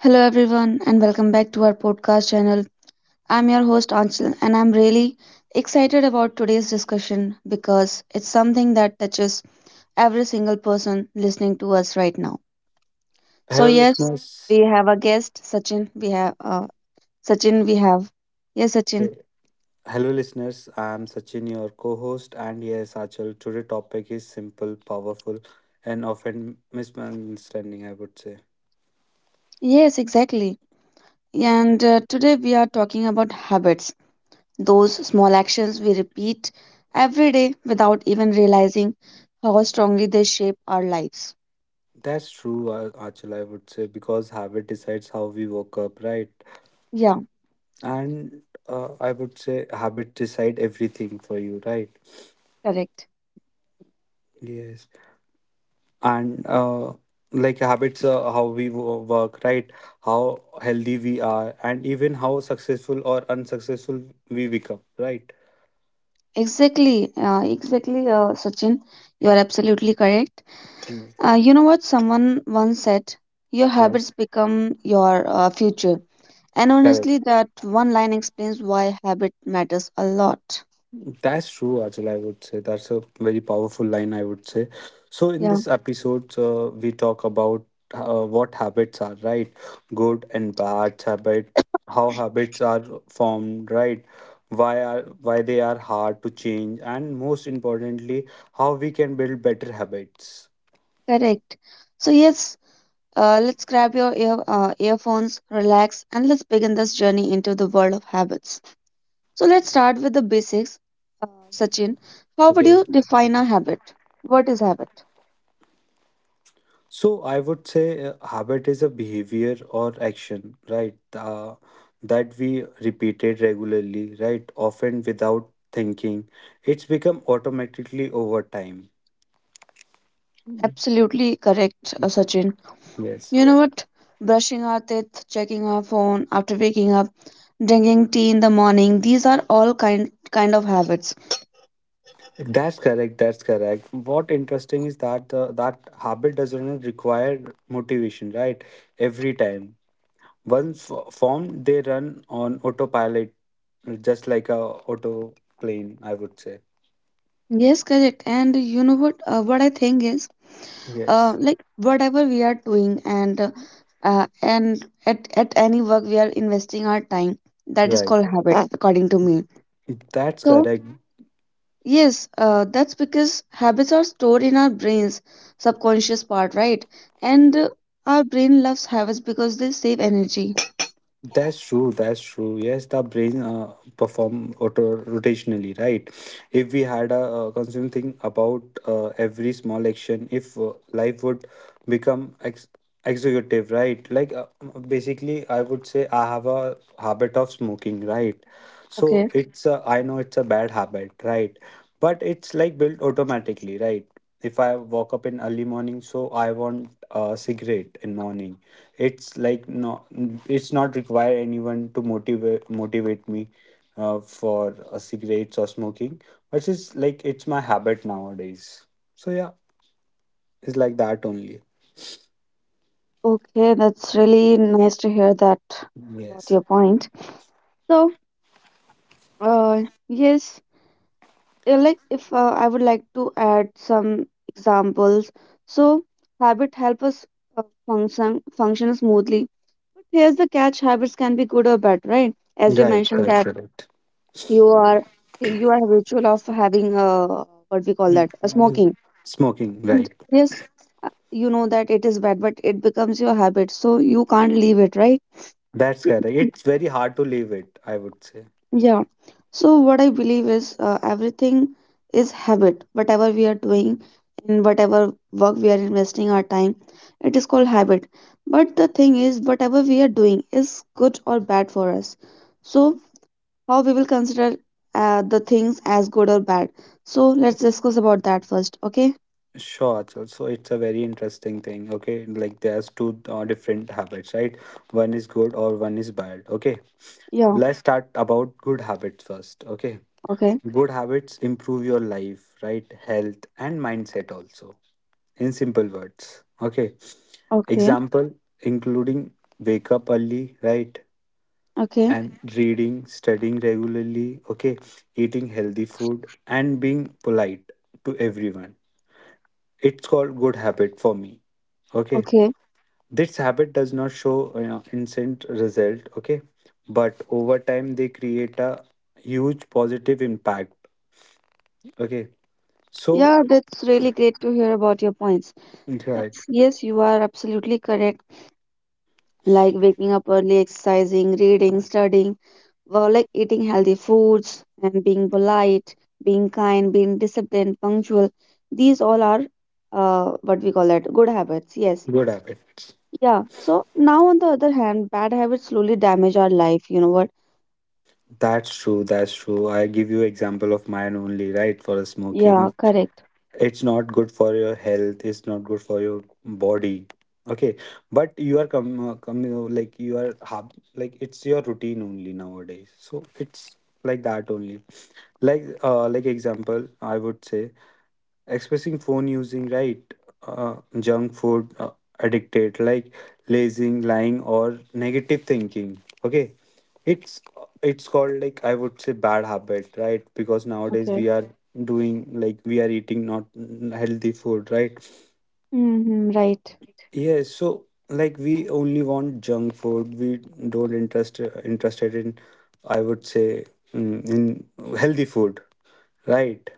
Hello, everyone, and welcome back to our podcast channel. I'm your host, Anchal, and I'm really excited about today's discussion because it's something that touches every single person listening to us right now. So, Hello, yes, we listeners. have a guest, Sachin. We have Sachin, we have. Yes, Sachin. Hey. Hello, listeners. I am Sachin, your co host, and yes, Achal, today topic is simple, powerful, and often misunderstanding, I would say. Yes, exactly. And Today we are talking about habits, those small actions we repeat every day without even realizing how strongly they shape our lives. That's true, Achal, I would say, because habit decides how we woke up, right? Yeah. And I would say habit decide everything for you, right? Correct. Yes. And like habits how we work, right? How healthy we are, and even how successful or unsuccessful we become, right? Exactly. Exactly, Sachin. You are absolutely correct. Mm, You know what someone once said? Your habits Yes, become your future. And correct. honestly, that one line explains why habit matters a lot. That's true, Ajal. I would say that's a very powerful line, I would say. So, in Yeah, this episode, we talk about what habits are, right? Good and bad habit, how habits are formed, right? Why are why they are hard to change, and most importantly, how we can build better habits. correct. So, yes, let's grab your earphones, relax, and let's begin this journey into the world of habits. So, let's start with the basics. Sachin, how would Okay. you define a habit? What is habit? So I would say habit is a behavior or action, right? That we repeated regularly, right? Often without thinking. It's become automatically over time. Absolutely correct, Sachin. Yes. You know what? Brushing our teeth, checking our phone after waking up, drinking tea in the morning, these are all kind of habits. That's correct. That's correct. What interesting is that that habit does not require motivation, right? Every time. Once formed, they run on autopilot, just like a auto plane, I would say. Yes, correct. And you know what? What I think is, Yes. like whatever we are doing and at any work we are investing our time. That is Right. called habit, according to me. That's So. correct. Yes, that's because habits are stored in our brain's subconscious part, right? And Our brain loves habits because they save energy. That's true. That's true. Yes, the brain perform auto rotationally, right? If we had a constant thing about every small action, if life would become ex executive, right? Like basically, I would say I have a habit of smoking, right? So Okay. it's a, I know it's a bad habit, right? But it's like built automatically, right? If I walk up in early morning, so I want a cigarette in morning. It's like no, it's not require anyone to motivate me for cigarettes or smoking, but it's like it's my habit nowadays, so yeah, it's like that only. Okay, that's really nice to hear that about Yes, your point. So, uh, yes, like if I would like to add some examples. So, habit help us function smoothly. Here's the catch: habits can be good or bad, right? As you right, mentioned, that's yeah, that correct. you are, you are habitual of having what we call Mm, that a mm. smoking, Smoking, and right? yes, you know that it is bad, but it becomes your habit, so you can't leave it, right? That's correct. It's very hard to leave it, I would say. Yeah. So what I believe is everything is habit. Whatever we are doing and whatever work we are investing our time, it is called habit. But the thing is, whatever we are doing is good or bad for us. So how we will consider the things as good or bad. So let's discuss about that first, okay? Sure, Achal. So it's a very interesting thing. Okay, like there's two different habits, right? One is good or one is bad. Okay, Yeah, let's start about good habits first. Okay, okay, good habits improve your life, right? Health and mindset also. In simple words, okay. okay, Example including wake up early, right? okay, And reading, studying regularly, okay, eating healthy food, and being polite to everyone. It's called good habit for me, okay. okay. This habit does not show, you know, instant result, okay, but over time they create a huge positive impact, okay. So Yeah, that's really great to hear about your points. right, Yes, yes, you are absolutely correct. Like waking up early, exercising, reading, studying, well, like eating healthy foods and being polite, being kind, being disciplined, punctual. These all are what we call that good habits. Yes. good habits. Yeah. So now, on the other hand, bad habits slowly damage our life. You know what? That's true, that's true. I give you example of mine only, right? For Yeah, smoking. correct. It's not good for your health, it's not good for your body, okay, but you are like you are like it's your routine only nowadays, so it's like that only. Like like example I would say expressing phone using, right? Junk food, addicted, like lazing, lying or negative thinking, okay. it's it's called, like I would say, bad habit, right? Because nowadays Okay. we are doing, like we are eating not healthy food, right? Mm-hmm, right. Yes, so like we only want junk food. We don't interested in, I would say, in healthy food, right?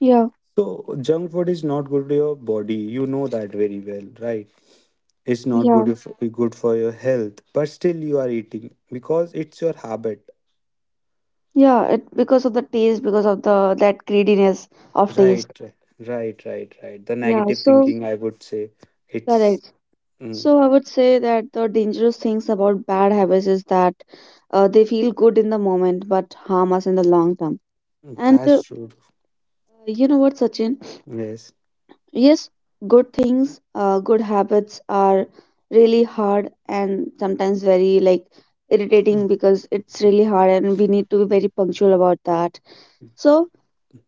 Yeah. So junk food is not good to your body. You know that very well, right? It's not Yeah. good if good for your health, but still you are eating because it's your habit, Yeah. It because of the taste, because of the that greediness of taste. right? Right. The Yeah. negative So thinking, I would say, it's correct. mm, So I would say that the dangerous things about bad habits is that they feel good in the moment but harm us in the long term. And that's true. you know what, Sachin? Yes, Yes, good things, good habits are really hard and sometimes very like irritating because it's really hard and we need to be very punctual about that. So,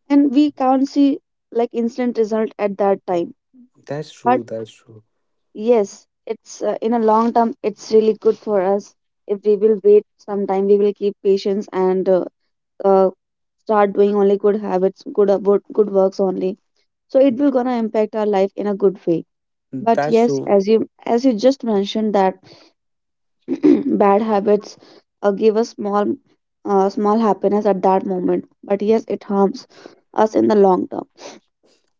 and we can't see like instant result at that time. that's But true. That's true. yes, it's in a long term, it's really good for us. If we will wait some time, we will keep patience and uh, start doing only good habits, good works only. So it will gonna impact our life in a good way. But That's yes, true. as you just mentioned that bad habits give us small happiness at that moment, but yes, it harms us in the long term.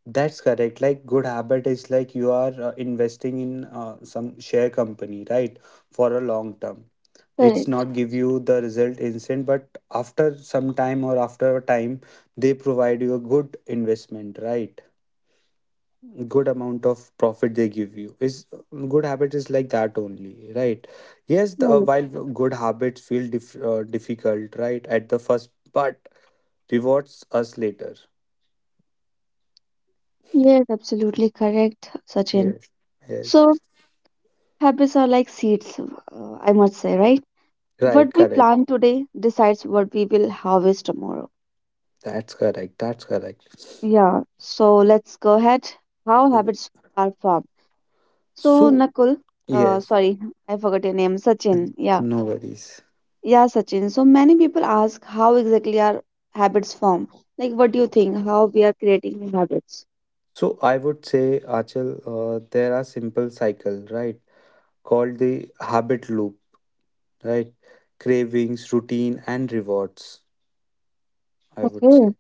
That's correct. Like good habit is like you are investing in some share company, right? For a long term. It's Correct. not give you the result instant, but after some time or after a time, they provide you a good investment, right? Good amount of profit they give you. Is good habit is like that only, right? Yes, the, Right. while good habits feel difficult, right, at the first, but rewards us later. Yes, absolutely correct, Sachin. Yes. Yes. So habits are like seeds, I must say, right? What Right. we Correct. plant today decides what we will harvest tomorrow. That's correct. That's correct. Yeah. So let's go ahead. How habits are formed. So So, Nakul, yes, sorry, I forgot your name, Sachin. Yeah. no worries. Yeah, Sachin. So many people ask how exactly our habits form. Like, what do you think? How we are creating new habits? So, I would say, Achal, there are simple cycle, right? Called the habit loop, right? Cravings, routine, and rewards, I would Okay. say.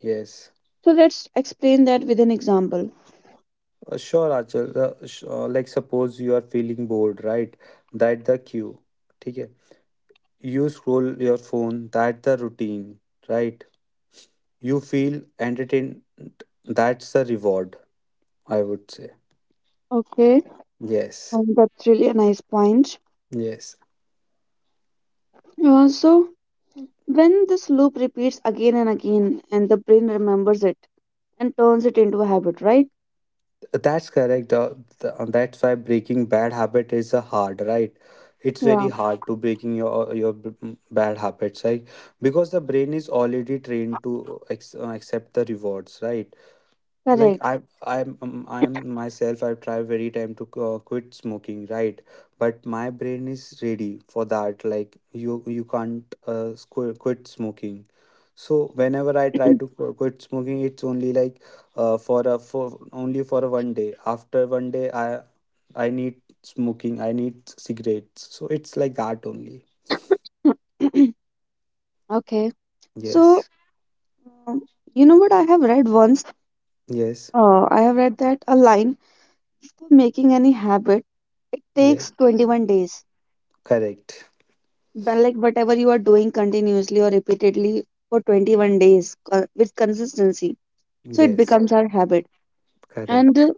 Yes. So let's explain that with an example. Sure, Achal. Like, suppose you are feeling bored, right? That the cue. Okay. You scroll your phone, that the routine, right? You feel entertained, that's the reward, I would say. Okay. Yes, That's really a nice point. yes, So when this loop repeats again and again, and the brain remembers it and turns it into a habit, right? That's correct. That's why breaking bad habit is a hard, right? It's very Yeah. hard to breaking your bad habits, right? Because the brain is already trained to accept the rewards, right? Like Correct. I'm myself. I've tried very time to quit smoking, right? But my brain is ready for that. Like you can't quit smoking, so whenever I try to quit smoking, it's only like for a for only for a one day. After one day, I need smoking, I need cigarettes, so it's like that only. okay. So Yes, um, you know what I have read once? yes, I have read that a line for making any habit, it takes yes, 21 days. correct. But like whatever you are doing continuously or repeatedly for 21 days with consistency, so it Yes, becomes our habit. And correct.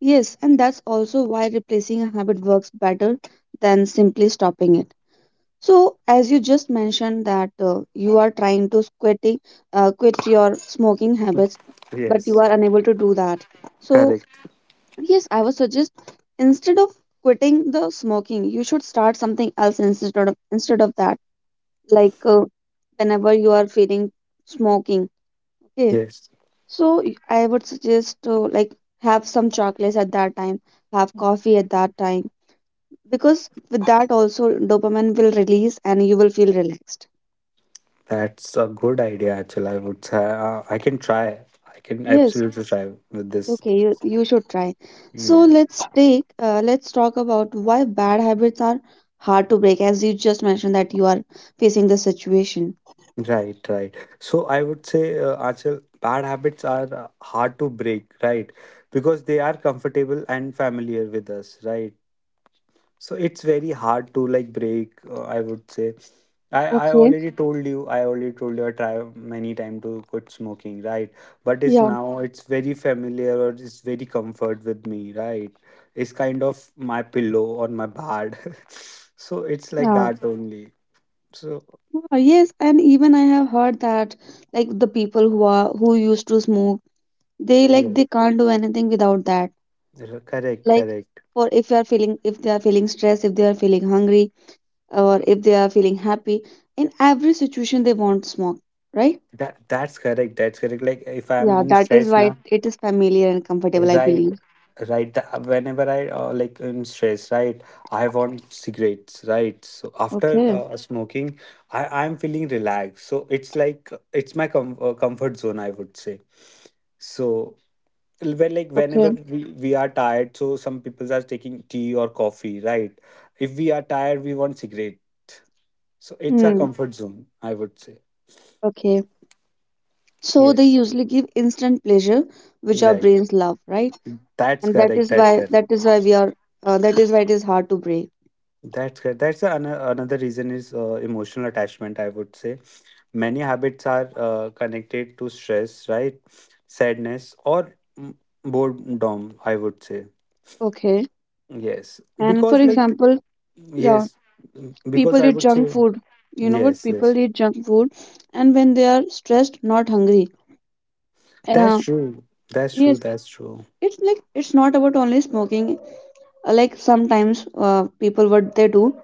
Yes, and that's also why replacing a habit works better than simply stopping it. So as you just mentioned that you are trying to quitting, quit your smoking habits, but you Yes, are unable to do that. So correct. yes, I would suggest instead of quitting the smoking, you should start something else instead of that. Like whenever you are feeling smoking, okay. Yes. So I would suggest to like have some chocolates at that time, have coffee at that time, because with that also dopamine will release and you will feel relaxed. That's a good idea, actually. I would say I can try. I can Yes. absolutely try with this. Okay, you should try. So Yes. Let's talk about why bad habits are hard to break, as you just mentioned that you are facing the situation. Right, right. So I would say, Achal, bad habits are hard to break, right? Because they are comfortable and familiar with us, right? So it's very hard to like break, I would say. I Okay. already told you, I already told you, I try many time to quit smoking, right? But it's Yeah. now it's very familiar or it's very comfort with me, right? It's kind of my pillow or my bed. So it's like Yeah. that only. So Ah, yes, and even I have heard that like the people who used to smoke, they like yeah, they can't do anything without that. Correct, Like correct. for if you are feeling if they are feeling stressed, if they are feeling hungry, or if they are feeling happy, in every situation they want smoke, right? That's correct. That's correct. Like if I'm Yeah, in that is stress why now, it is familiar and comfortable, I right, believe. right. Whenever I like in stress, right, I want cigarettes, right. So after Okay, smoking, I'm feeling relaxed. So it's like it's my comfort zone, I would say. So when like okay. whenever we are tired, so some people are taking tea or coffee, right? If we are tired, we want cigarette. So it's a Hmm. comfort zone, I would say. Okay. So they Yes, usually give instant pleasure, which our right. brains love, right? That's And correct. That's correct. that is why we are that is why it is hard to break. That's correct. That's another reason is emotional attachment, I would say. Many habits are connected to stress, right? Sadness or boredom, I would say. Okay. Yes. And for Because, like, example, yeah, yes, because people I eat would junk say, food. You know what? yes, yes. People eat junk food, and when they are stressed, not hungry. And, That's true. That's true. yes, That's true. it's like it's not about only smoking. Like sometimes people what they do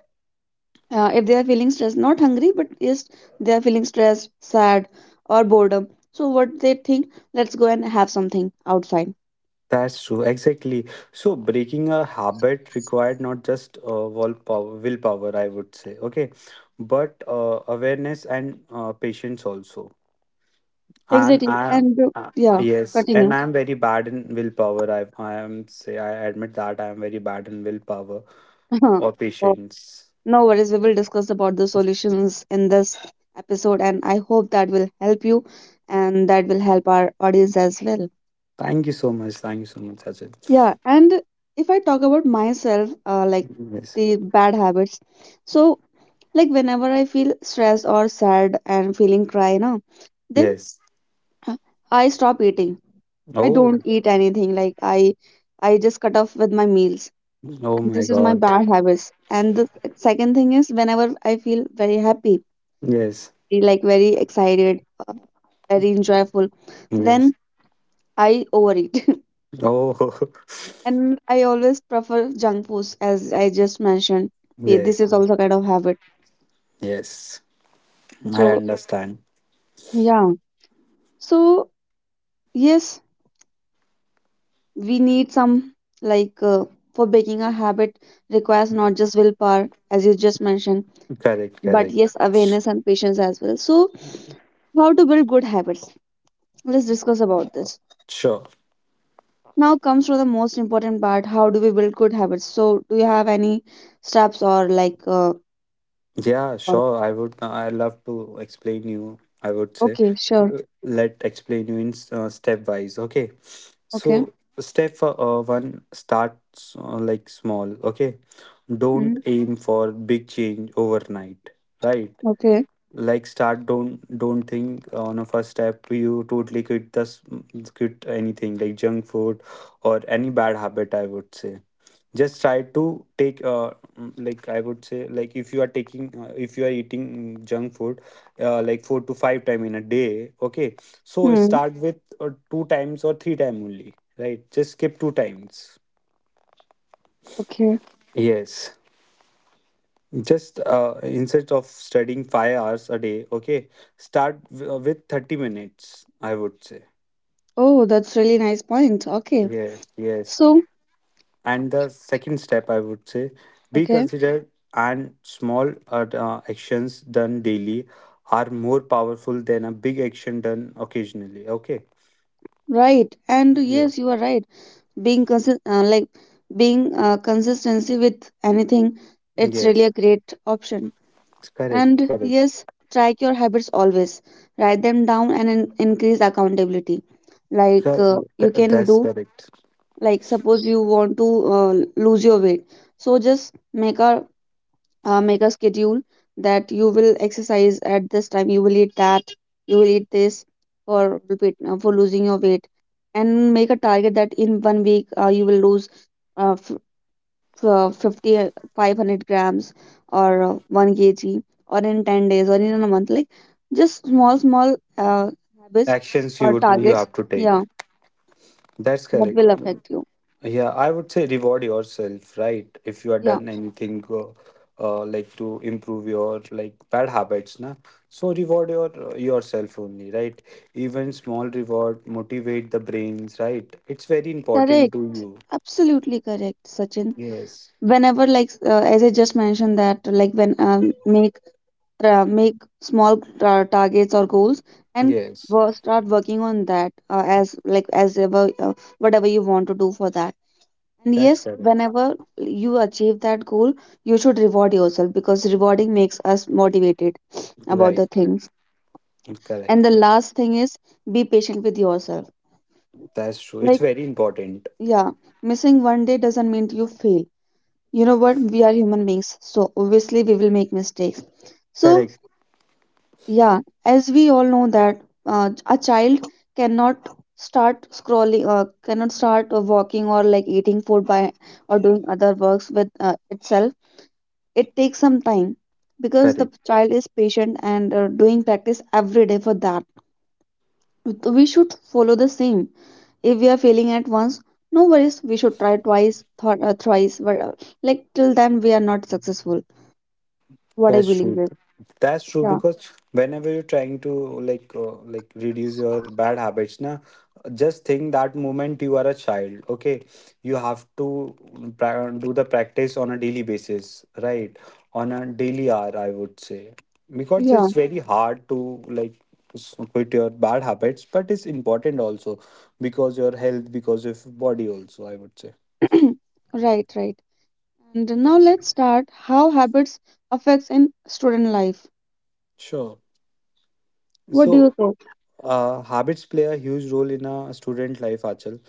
if they are feeling stressed, not hungry, but yes, they are feeling stressed, sad, or boredom, so what they think, let's go and have something outside. That's true. Exactly. So, breaking a habit required not just willpower, I would say, okay, but awareness and patience also. And Exactly. I, And uh, yeah, yes, continue. and I'm very bad in willpower. I am say I admit that I am very bad in willpower or Oh, patience. no worries, we will discuss about the solutions in this episode, and I hope that will help you and that will help our audience as well. Thank you so much. Thank you so much, Sachin. Yeah. And if I talk about myself, like Yes. the bad habits, so like whenever I feel stressed or sad and feeling cry now, then Yes. uh, I stop eating. I Oh. don't eat anything. I just cut off with my meals. Oh And my this is my God. bad habits. And the second thing is whenever I feel very happy, Yes. like very excited, uh, very enjoyable, Yes. then I overeat. Oh. And I always prefer junk foods as I just mentioned. Yeah, this Yes. is also kind of habit. Yes. I So understand. yeah. So yes, we need some like for breaking a habit requires not just willpower as you just mentioned, Correct. but Correct. yes, awareness and patience as well. So how to build good habits, let's discuss about this. Sure. Now comes to the most important part, how do we build good habits. So do you have any steps or like Yeah, uh, sure. I would. I love to explain you. I would say, okay, sure. Let explain you in stepwise. Okay. So Okay. step for, one starts like small. Okay. Don't Mm. aim for big change overnight. Right. Okay. Like start, don't think on a first step you totally quit this, quit anything, like junk food or any bad habit, I would say. Just try to take like I would say, like if you are taking if you are eating junk food like four to five time in a day, okay, so Hmm. start with two times or three time only, right? Just skip two times. Okay. Yes, just instead of studying 5 hours a day, okay, start with 30 minutes, I would say. Oh, that's really nice point. Okay. Yes, yes. So, And the second step, I would say, be okay. considered, and small actions done daily are more powerful than a big action done occasionally, okay. Right. And yes, Yes, you are right. Like being consistency with anything. It's really yes, a great option. it's correct, And correct. yes, track your habits always. Write them down and increase accountability. Like, Cor- you can that's do, correct, like suppose you want to lose your weight. So just make a schedule that you will exercise at this time, you will eat that, you will eat this for for losing your weight. And make a target that in one week, you will lose uh, f- uh, 50 uh, 500 grams or 1 kg, or in 10 days or in a month, like just small small habits actions or you would you targets, have to yeah, take. That's that correct. will affect you. Yeah, I would say reward yourself, right? If you are Yeah. done anything like to improve your like bad habits, na. So reward your yourself only, right? Even small reward motivate the brains, right? It's very important to Correct. you. Absolutely correct, Sachin. Yes. Whenever, like as I just mentioned that, like, when make small targets or goals, and Yes. Start working on that, as like as ever, whatever you want to do for that. And That's yes, correct. whenever you achieve that goal, you should reward yourself because rewarding makes us motivated about Right. the right. things. And Correct. the Correct. last thing is, be patient with yourself. That's true. It's Like, very important. yeah, missing one day doesn't mean you fail. You know what, we are human beings, so obviously we will make mistakes. So Correct. yeah, as we all know that, a child cannot start scrolling cannot start walking, or like eating food by, or doing other works with itself. It takes some time because the Correct. child is patient and doing practice every day for that. So we should follow the same. If we are failing at once, no worries, we should try twice, thought thrice, but like, till then we are not successful, what I That's believe true. is. That's true Yeah, because whenever you're trying to like reduce your bad habits, na, just think that moment you are a child. Okay, you have to do the practice on a daily basis, right? On a daily hour, I would say, because yeah. it's very hard to like quit your bad habits, but it's important also because your health, because of body also, I would say. Right, right. And now Yes. let's start how habits affects in student life. Sure. What do you So say? uh, habits play a huge role in a student life, Achal.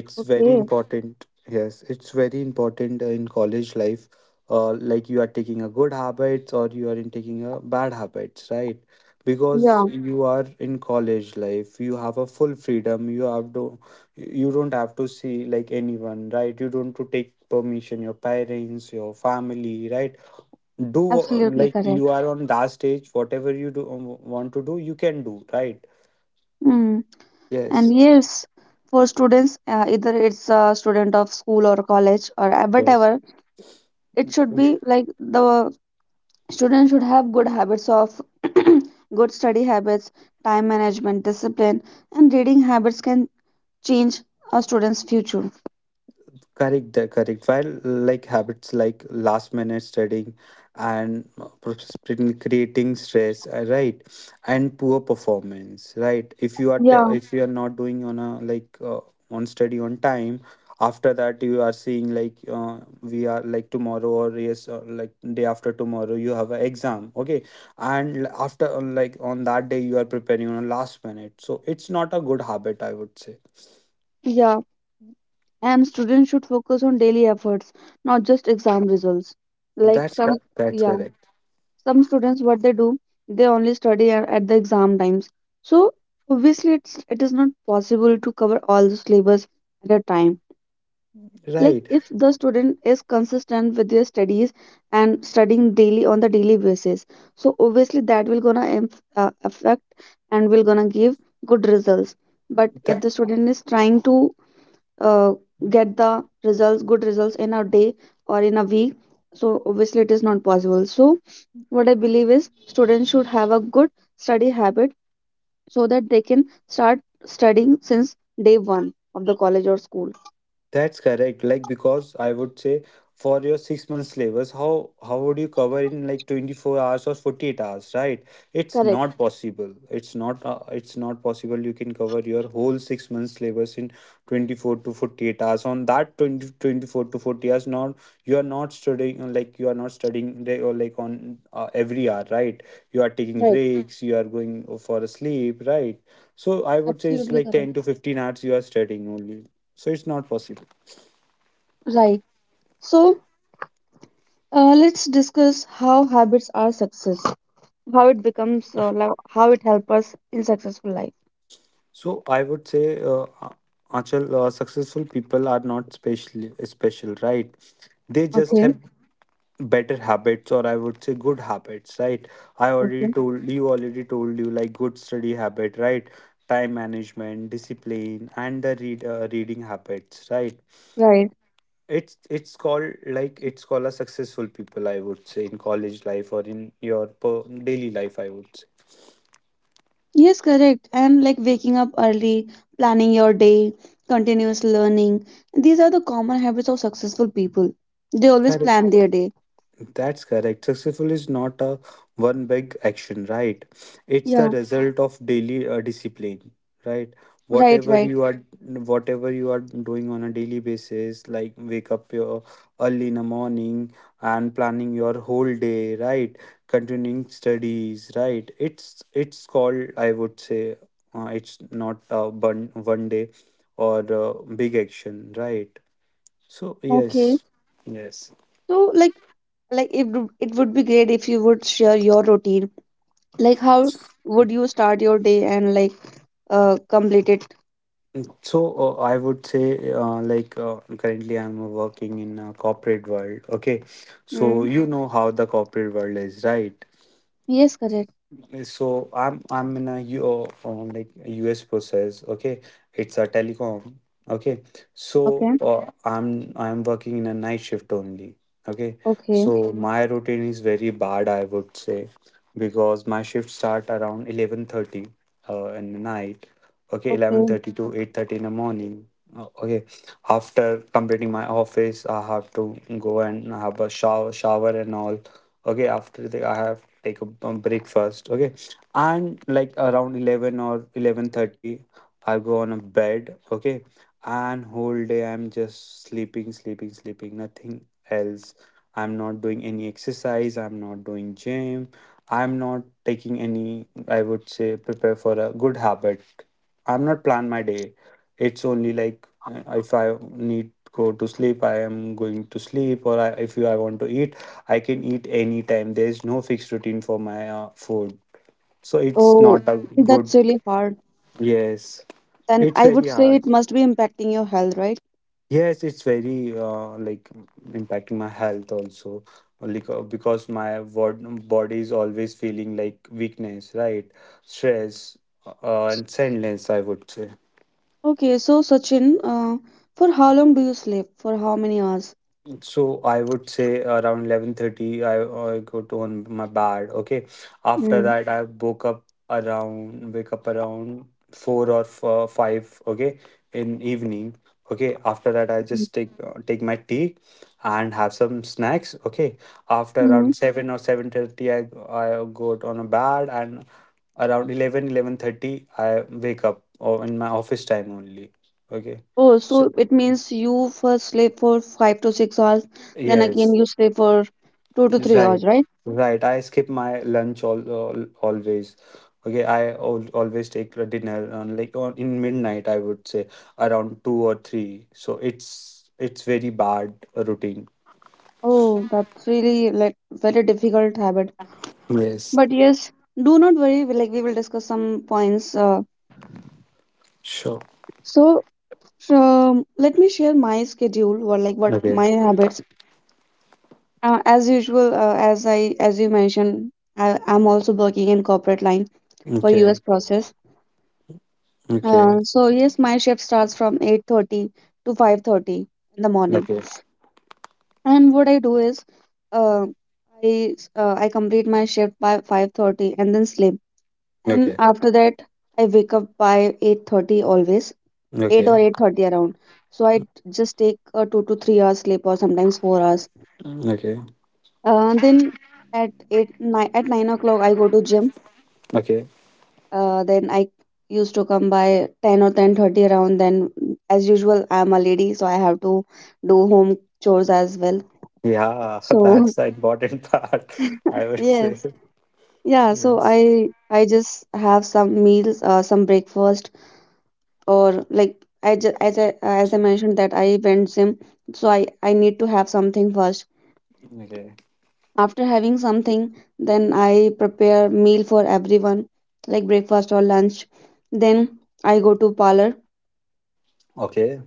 It's very Okay, important. Yes, it's very important in college life. Like, you are taking a good habits or you are in taking a bad habits, right? yeah, Because you are in college life, you have a full freedom. You have to, you don't have to see like anyone, right? You don't to take permission your parents, your family, right? Do absolutely like correct. you are on that stage, whatever you do want to do, you can do, right? Mm. And Yes, yes, for students, either it's a student of school or college, or yes. whatever, it should Mm. be like the student should have good habits of good study habits, time management, discipline, and reading habits can change a student's future. Correct, correct. While like habits like last minute studying and creating stress, right? And poor performance, right? If you are t Yeah, if you are not doing on a like on study on time, after that you are seeing like we are like tomorrow or yes, like day after tomorrow you have an exam, okay? And l- after like on that day you are preparing on a last minute. So it's not a good habit, I would say. yeah. And students should focus on daily efforts, not just exam results, like some, That's yeah, correct. some students, what they do, they only at the exam times. So obviously it is not possible to cover all the syllabus at a time. Like Right. if the student is consistent with their studies and studying daily on the daily basis, so obviously that will gonna affect and will gonna give good results. But if That the student is trying to uh, get the results, good results, in a day or in a week, so obviously it is not possible. So what I believe is, students should have a good study habit so that they can start studying since day one of the college or school. that's correct. Like, because I would say, for your 6 months syllabus, how would you cover in like 24 hours or 48 hours, right? It's Correct. not possible. It's not possible you can cover your whole 6 months syllabus in 24 to 48 hours. On that 20 24 to 40 hours, not, you are not studying like you are not studying day or like on every hour, right? You are taking Right. breaks, you are going for a sleep, right? So I would say it's Absolutely like correct. 10 to 15 hours you are studying only. So it's not possible. Right. So let's discuss how habits are success, how it becomes like, how it help us in successful life. So I would say, Achal, successful people are not special, right? They just Okay. have better habits, or I would say good habits, right? I already Okay. told you, already told you, like good study habit, right? Time management, discipline, and the reading habits, right? Right. It's called like it's called a successful people, I would say, in college life or in your daily life, I would say. Yes, correct. And like waking up early, planning your day, continuous learning. These are the common habits of successful people. They always Correct. plan their day. That's correct. Successful is not a one big action, right? It's the Yeah, result of daily discipline, right? right, Whatever right. you are, whatever you are doing on a daily basis, like wake up your early in the morning and planning your whole day, right? Continuing studies, right? It's called, I would say, it's not a one day or big action, right? So Okay. yes, yes. So, like, it would be great if you would share your routine. Like how would you start your day and, like, complete it? So I would say, like currently, I'm working in a corporate world. Okay, so Mm. you know how the corporate world is, right? Yes, correct. So I'm in a U like a US process. Okay, it's a telecom. Okay, so Okay. I'm working in a night shift only. Okay, Okay. so okay, my routine is very bad, I would say, because my shift start around 11:30 in the night. Okay, eleven Okay. thirty to 8:30 in the morning. Uh, okay, after completing my office, I have to go and have a shower and all. Okay, after the, I have take a break first. Okay, and like around 11 or 11:30 I go on a bed. Okay, and whole day I'm just sleeping, nothing else. I'm not doing any exercise, I'm not doing gym, I'm not taking any, I would say, prepare for a good habit. I'm not plan my day. It's only like if I need go to sleep, I am going to sleep, or if you I want to eat, I can eat anytime. There's no fixed routine for my food. So it's Oh, not a mm that's good. really hard. Yes, Then it's I would very say hard. it must be impacting your health, right? Yes, it's very impacting my health also, like because body is always feeling like weakness, right? Stress and sadness, I would say. Okay, so Sachin, for how long do you sleep? For how many hours? So I would say around 11:30 I go to on my bed. Okay. After Mm, that I woke up around wake up around 4 or 5, okay, in evening. Okay. After that I mm, just take my tea and have some snacks, okay. After mm. around 7 or 7:30 I go to on a bed and around eleven thirty, I wake up or in my office time only. Okay. Oh, So so it means you first sleep for 5 to 6 hours, then again yes. you sleep for two to three Right, hours, right? right. I skip my lunch all, always. Okay, I al always take a dinner on like on in midnight, I would say, around two or three. So it's very bad routine. Oh, that's really like very difficult habit. Yes, But yes, do not worry. Like we will discuss some points. Sure. so Let me share my schedule, or like what Okay, my habits. As usual, as you mentioned, I am also working in corporate line, for okay, US process. okay, So yes, my shift starts from 8:30 to 5:30 in the morning. okay, And what I do is, uh, I complete my shift by 5:30 and then sleep. And okay, after that, I wake up by 8:30 always, 8 or okay, 8:30 around. So I just take a 2 to 3 hours sleep, or sometimes 4 hours. okay, Then at eight nine at 9 o'clock I go to gym. okay. Then I used to come by 10 or 10:30 around. Then as usual, I'm a lady, so I have to do home chores as well. Yeah, So that's the important part. I would say yes. Yeah, so yes. I just have some meals, some breakfast. Or like I just, as I mentioned that I went gym. So I need to have something first. Okay, After having something, then I prepare meal for everyone, like breakfast or lunch. Then I go to parlor. okay.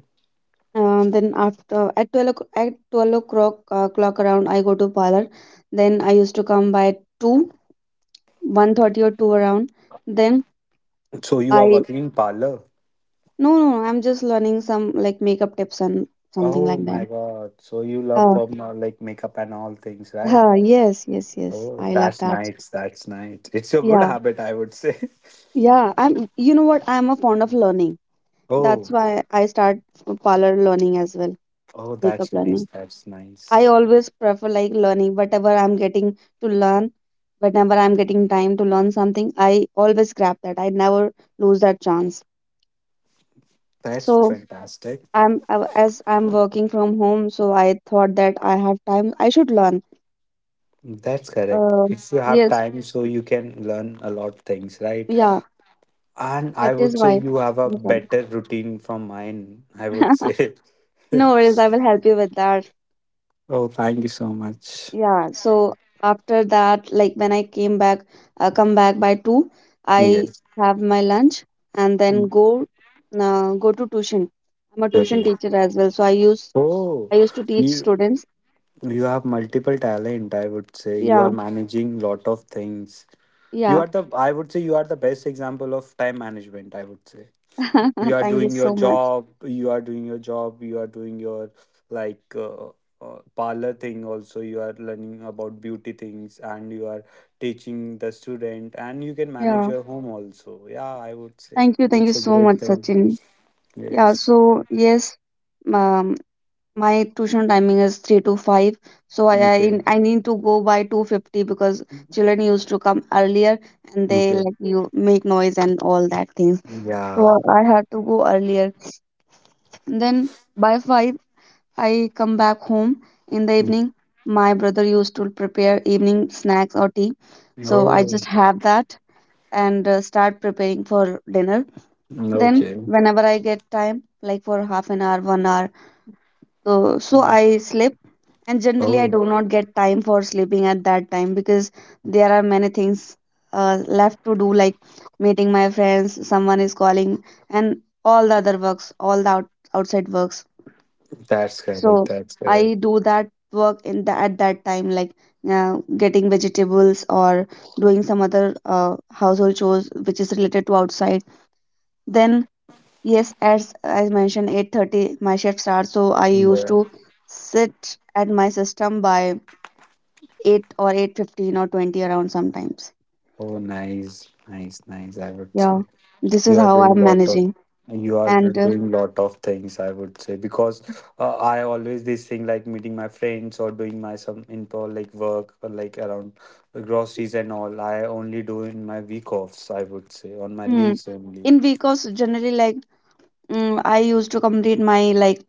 Then after at 12 o'clock, at 12 o'clock, clock around I go to parlor. Then I used to come by 2, 1:30 or 2 around. Then So you are I... working in parlor. No, no, no, I'm just learning some like makeup tips and something Oh like that. my God. So you love Oh, from like makeup and all things, right? huh, yes, yes, yes. Oh, I love that's that. nice. That's nice. It's your good Yeah, habit, I would say. yeah. I'm, you know what? I'm a fond of learning. That's Oh, why I start parlor learning as well, oh, makeup that's nice. learning. That's I nice. always prefer like learning whatever I'm getting to learn. Whenever I'm getting time to learn something, I always grab that. I never lose that chance. That's So fantastic. As I'm working from home, so I thought that I have time. I should learn. That's correct. Uh, If you have yes, time, so you can learn a lot things, right? yeah, And that I is would say why. you have a Okay. better routine from mine, I would say. No worries, I will help you with that. Oh, thank you so much. Yeah, so after that, like when come back by two, I Yes. have my lunch and then Mm. Go to tuition. I'm a Okay. tuition teacher as well, so Oh, I used to teach you students. You have multiple talent, I would say. You are Yeah, managing lot of things. You yeah. are the, I would say you are the best example of time management, I would say. You are Thank you doing your so much. job, you are doing your job, you are doing your like parlor thing also. You are learning about beauty things and you are teaching the student and you can manage Yeah, your home also. Yeah, I would say thank you it's a so great much, thing. Sachin. Yeah, Yes. so yes, um, my tuition timing is 3 to 5, so Okay. I need to go by 2:50 because children used to come earlier, and they Okay. like you make noise and all that things. So Yeah. I had to go earlier. And then by 5 I come back home in the Mm. evening. My brother used to prepare evening snacks or tea. So I just Oh, have that and start preparing for dinner. Then okay. whenever I get time, like for half an hour, 1 hour, so Mm. I sleep, and generally I Oh, do not get time for sleeping at that time because there are many things left to do, like meeting my friends, someone is calling, and all the other works, all the outside works. that's correct. So That's I correct. do that work in the at that time, like getting vegetables or doing some other household chores which is related to outside. Then yes, as I mentioned, 8:30 my shift starts, so I used Yeah. to sit at my system by 8 or 8:15 or 20 around sometimes. Oh, nice, nice, nice. I would Yeah, say this you is are how doing I'm lot of managing. you are And doing lot of things, I would say, because I always this thing like meeting my friends or doing my some info like work or like around groceries and all. I only do in my week offs, I would say, on my mm, leaves only. in because generally like, I used to complete my like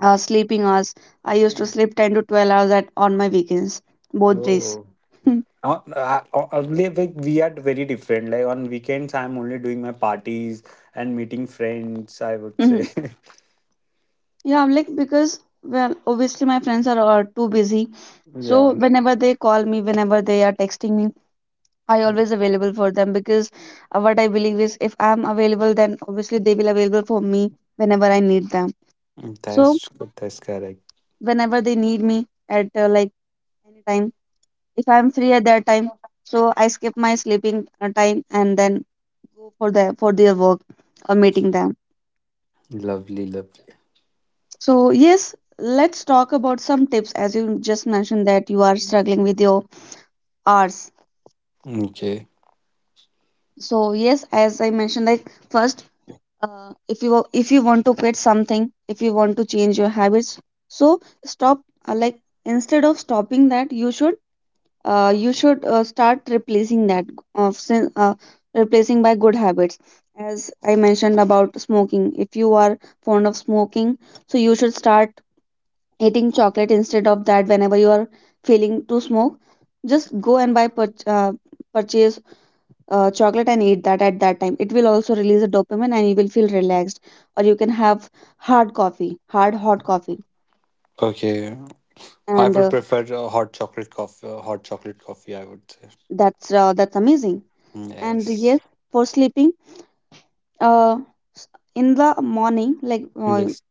sleeping hours. I used to Mm. sleep 10 to 12 hours at on my weekends, both days. Oh. Earlier we are very different. Like on weekends, I'm only doing my parties and meeting friends, I would say, Mhm. Yeah, like, because, well, obviously my friends are too busy. So yeah. whenever they call me, whenever they are texting me, I always available for them, because what I believe is, if I'm available, then obviously they will available for me whenever I need them. So That's that's correct. whenever they need me at like any time, if I'm free at that time, so I skip my sleeping time and then go for their work, or meeting them. Lovely, lovely. So yes, let's talk about some tips, as you just mentioned that you are struggling with your hours. Okay, So yes, as I mentioned, like first, if you if you want to quit something, if you want to change your habits, so stop. Like, instead of stopping that, you should, start replacing that, uh, sin- uh, replacing by good habits. As I mentioned about smoking, if you are fond of smoking, so you should start eating chocolate instead of that. Whenever you are feeling to smoke, just go and purchase chocolate and eat that. At that time it will also release a dopamine and you will feel relaxed. Or you can have hard coffee, hard hot coffee. okay. I And would prefer a hot chocolate coffee. Hot chocolate coffee, I would say. That's amazing. Mm, And yes. yes, for sleeping, uh, s- in the morning, like, Yes.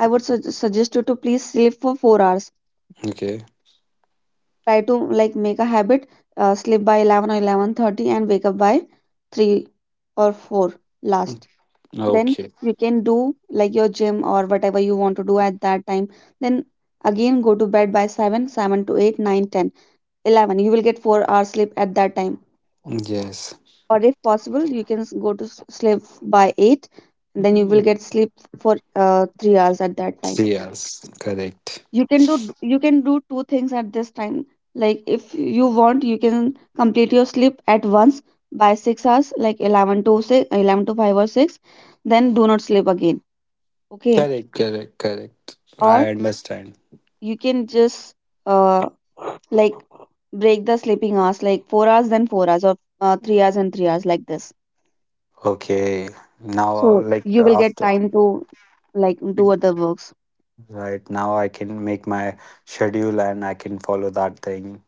I would suggest you to please sleep for 4 hours. Okay. Try to, like, make a habit, sleep by 11 or 11:30 and wake up by 3 or 4 Mm, last. Then okay. you can do like your gym or whatever you want to do at that time. Then again, go to bed by 7 7 to 8, nine, ten, 11. You will get 4 hours sleep at that time. Yes. Or if possible you can sleep by 8 and then you will Mm, get sleep for 3 hours at that time. yes. Correct. you can do you can do two things at this time, like if you want, you can complete your sleep at once by 6 hours, like 11 to 6, 11 to 5 or 6, then do not sleep again. Okay. Correct. Correct. Correct. Or I understand. you can just uh, like break the sleeping hours, like 4 hours then 4 hours, or 3 hours and 3 hours, like this, Okay. Now, so like you will get after. time to like do other works. Right now, I can make my schedule and I can follow that thing.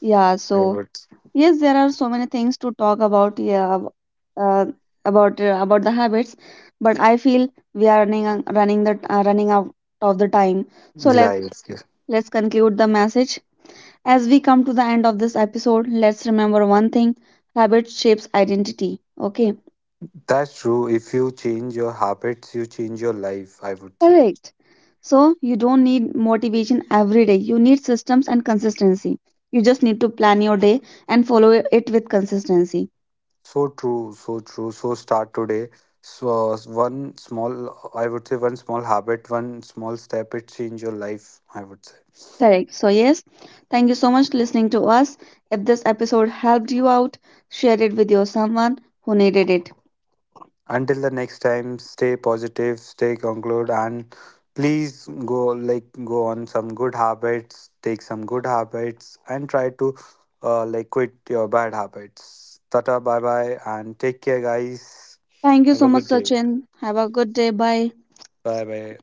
Yeah, so I would. yes, there are so many things to talk about, yeah, uh, about the habits. But I feel we are running out of the time. So Right. Yes. let's conclude the message. As we come to the end of this episode, let's remember one thing: habit shapes identity. Okay. That's true. If you change your habits, you change your life, I would say. Correct. So you don't need motivation every day. You need systems and consistency. You just need to plan your day and follow it with consistency. So true. So true. So start today. So one small, I would say, one small habit, one small step, it change your life, I would say. Correct. So yes, thank you so much listening to us. If this episode helped you out, share it with your someone who needed it. Until the next time, stay positive, stay conclude, and please go like go on some good habits, take some good habits, and try to like quit your bad habits. Tata, bye bye, and take care, guys. Thank you Have so a much, good day. Sachin. Have a good day. Bye. Bye bye.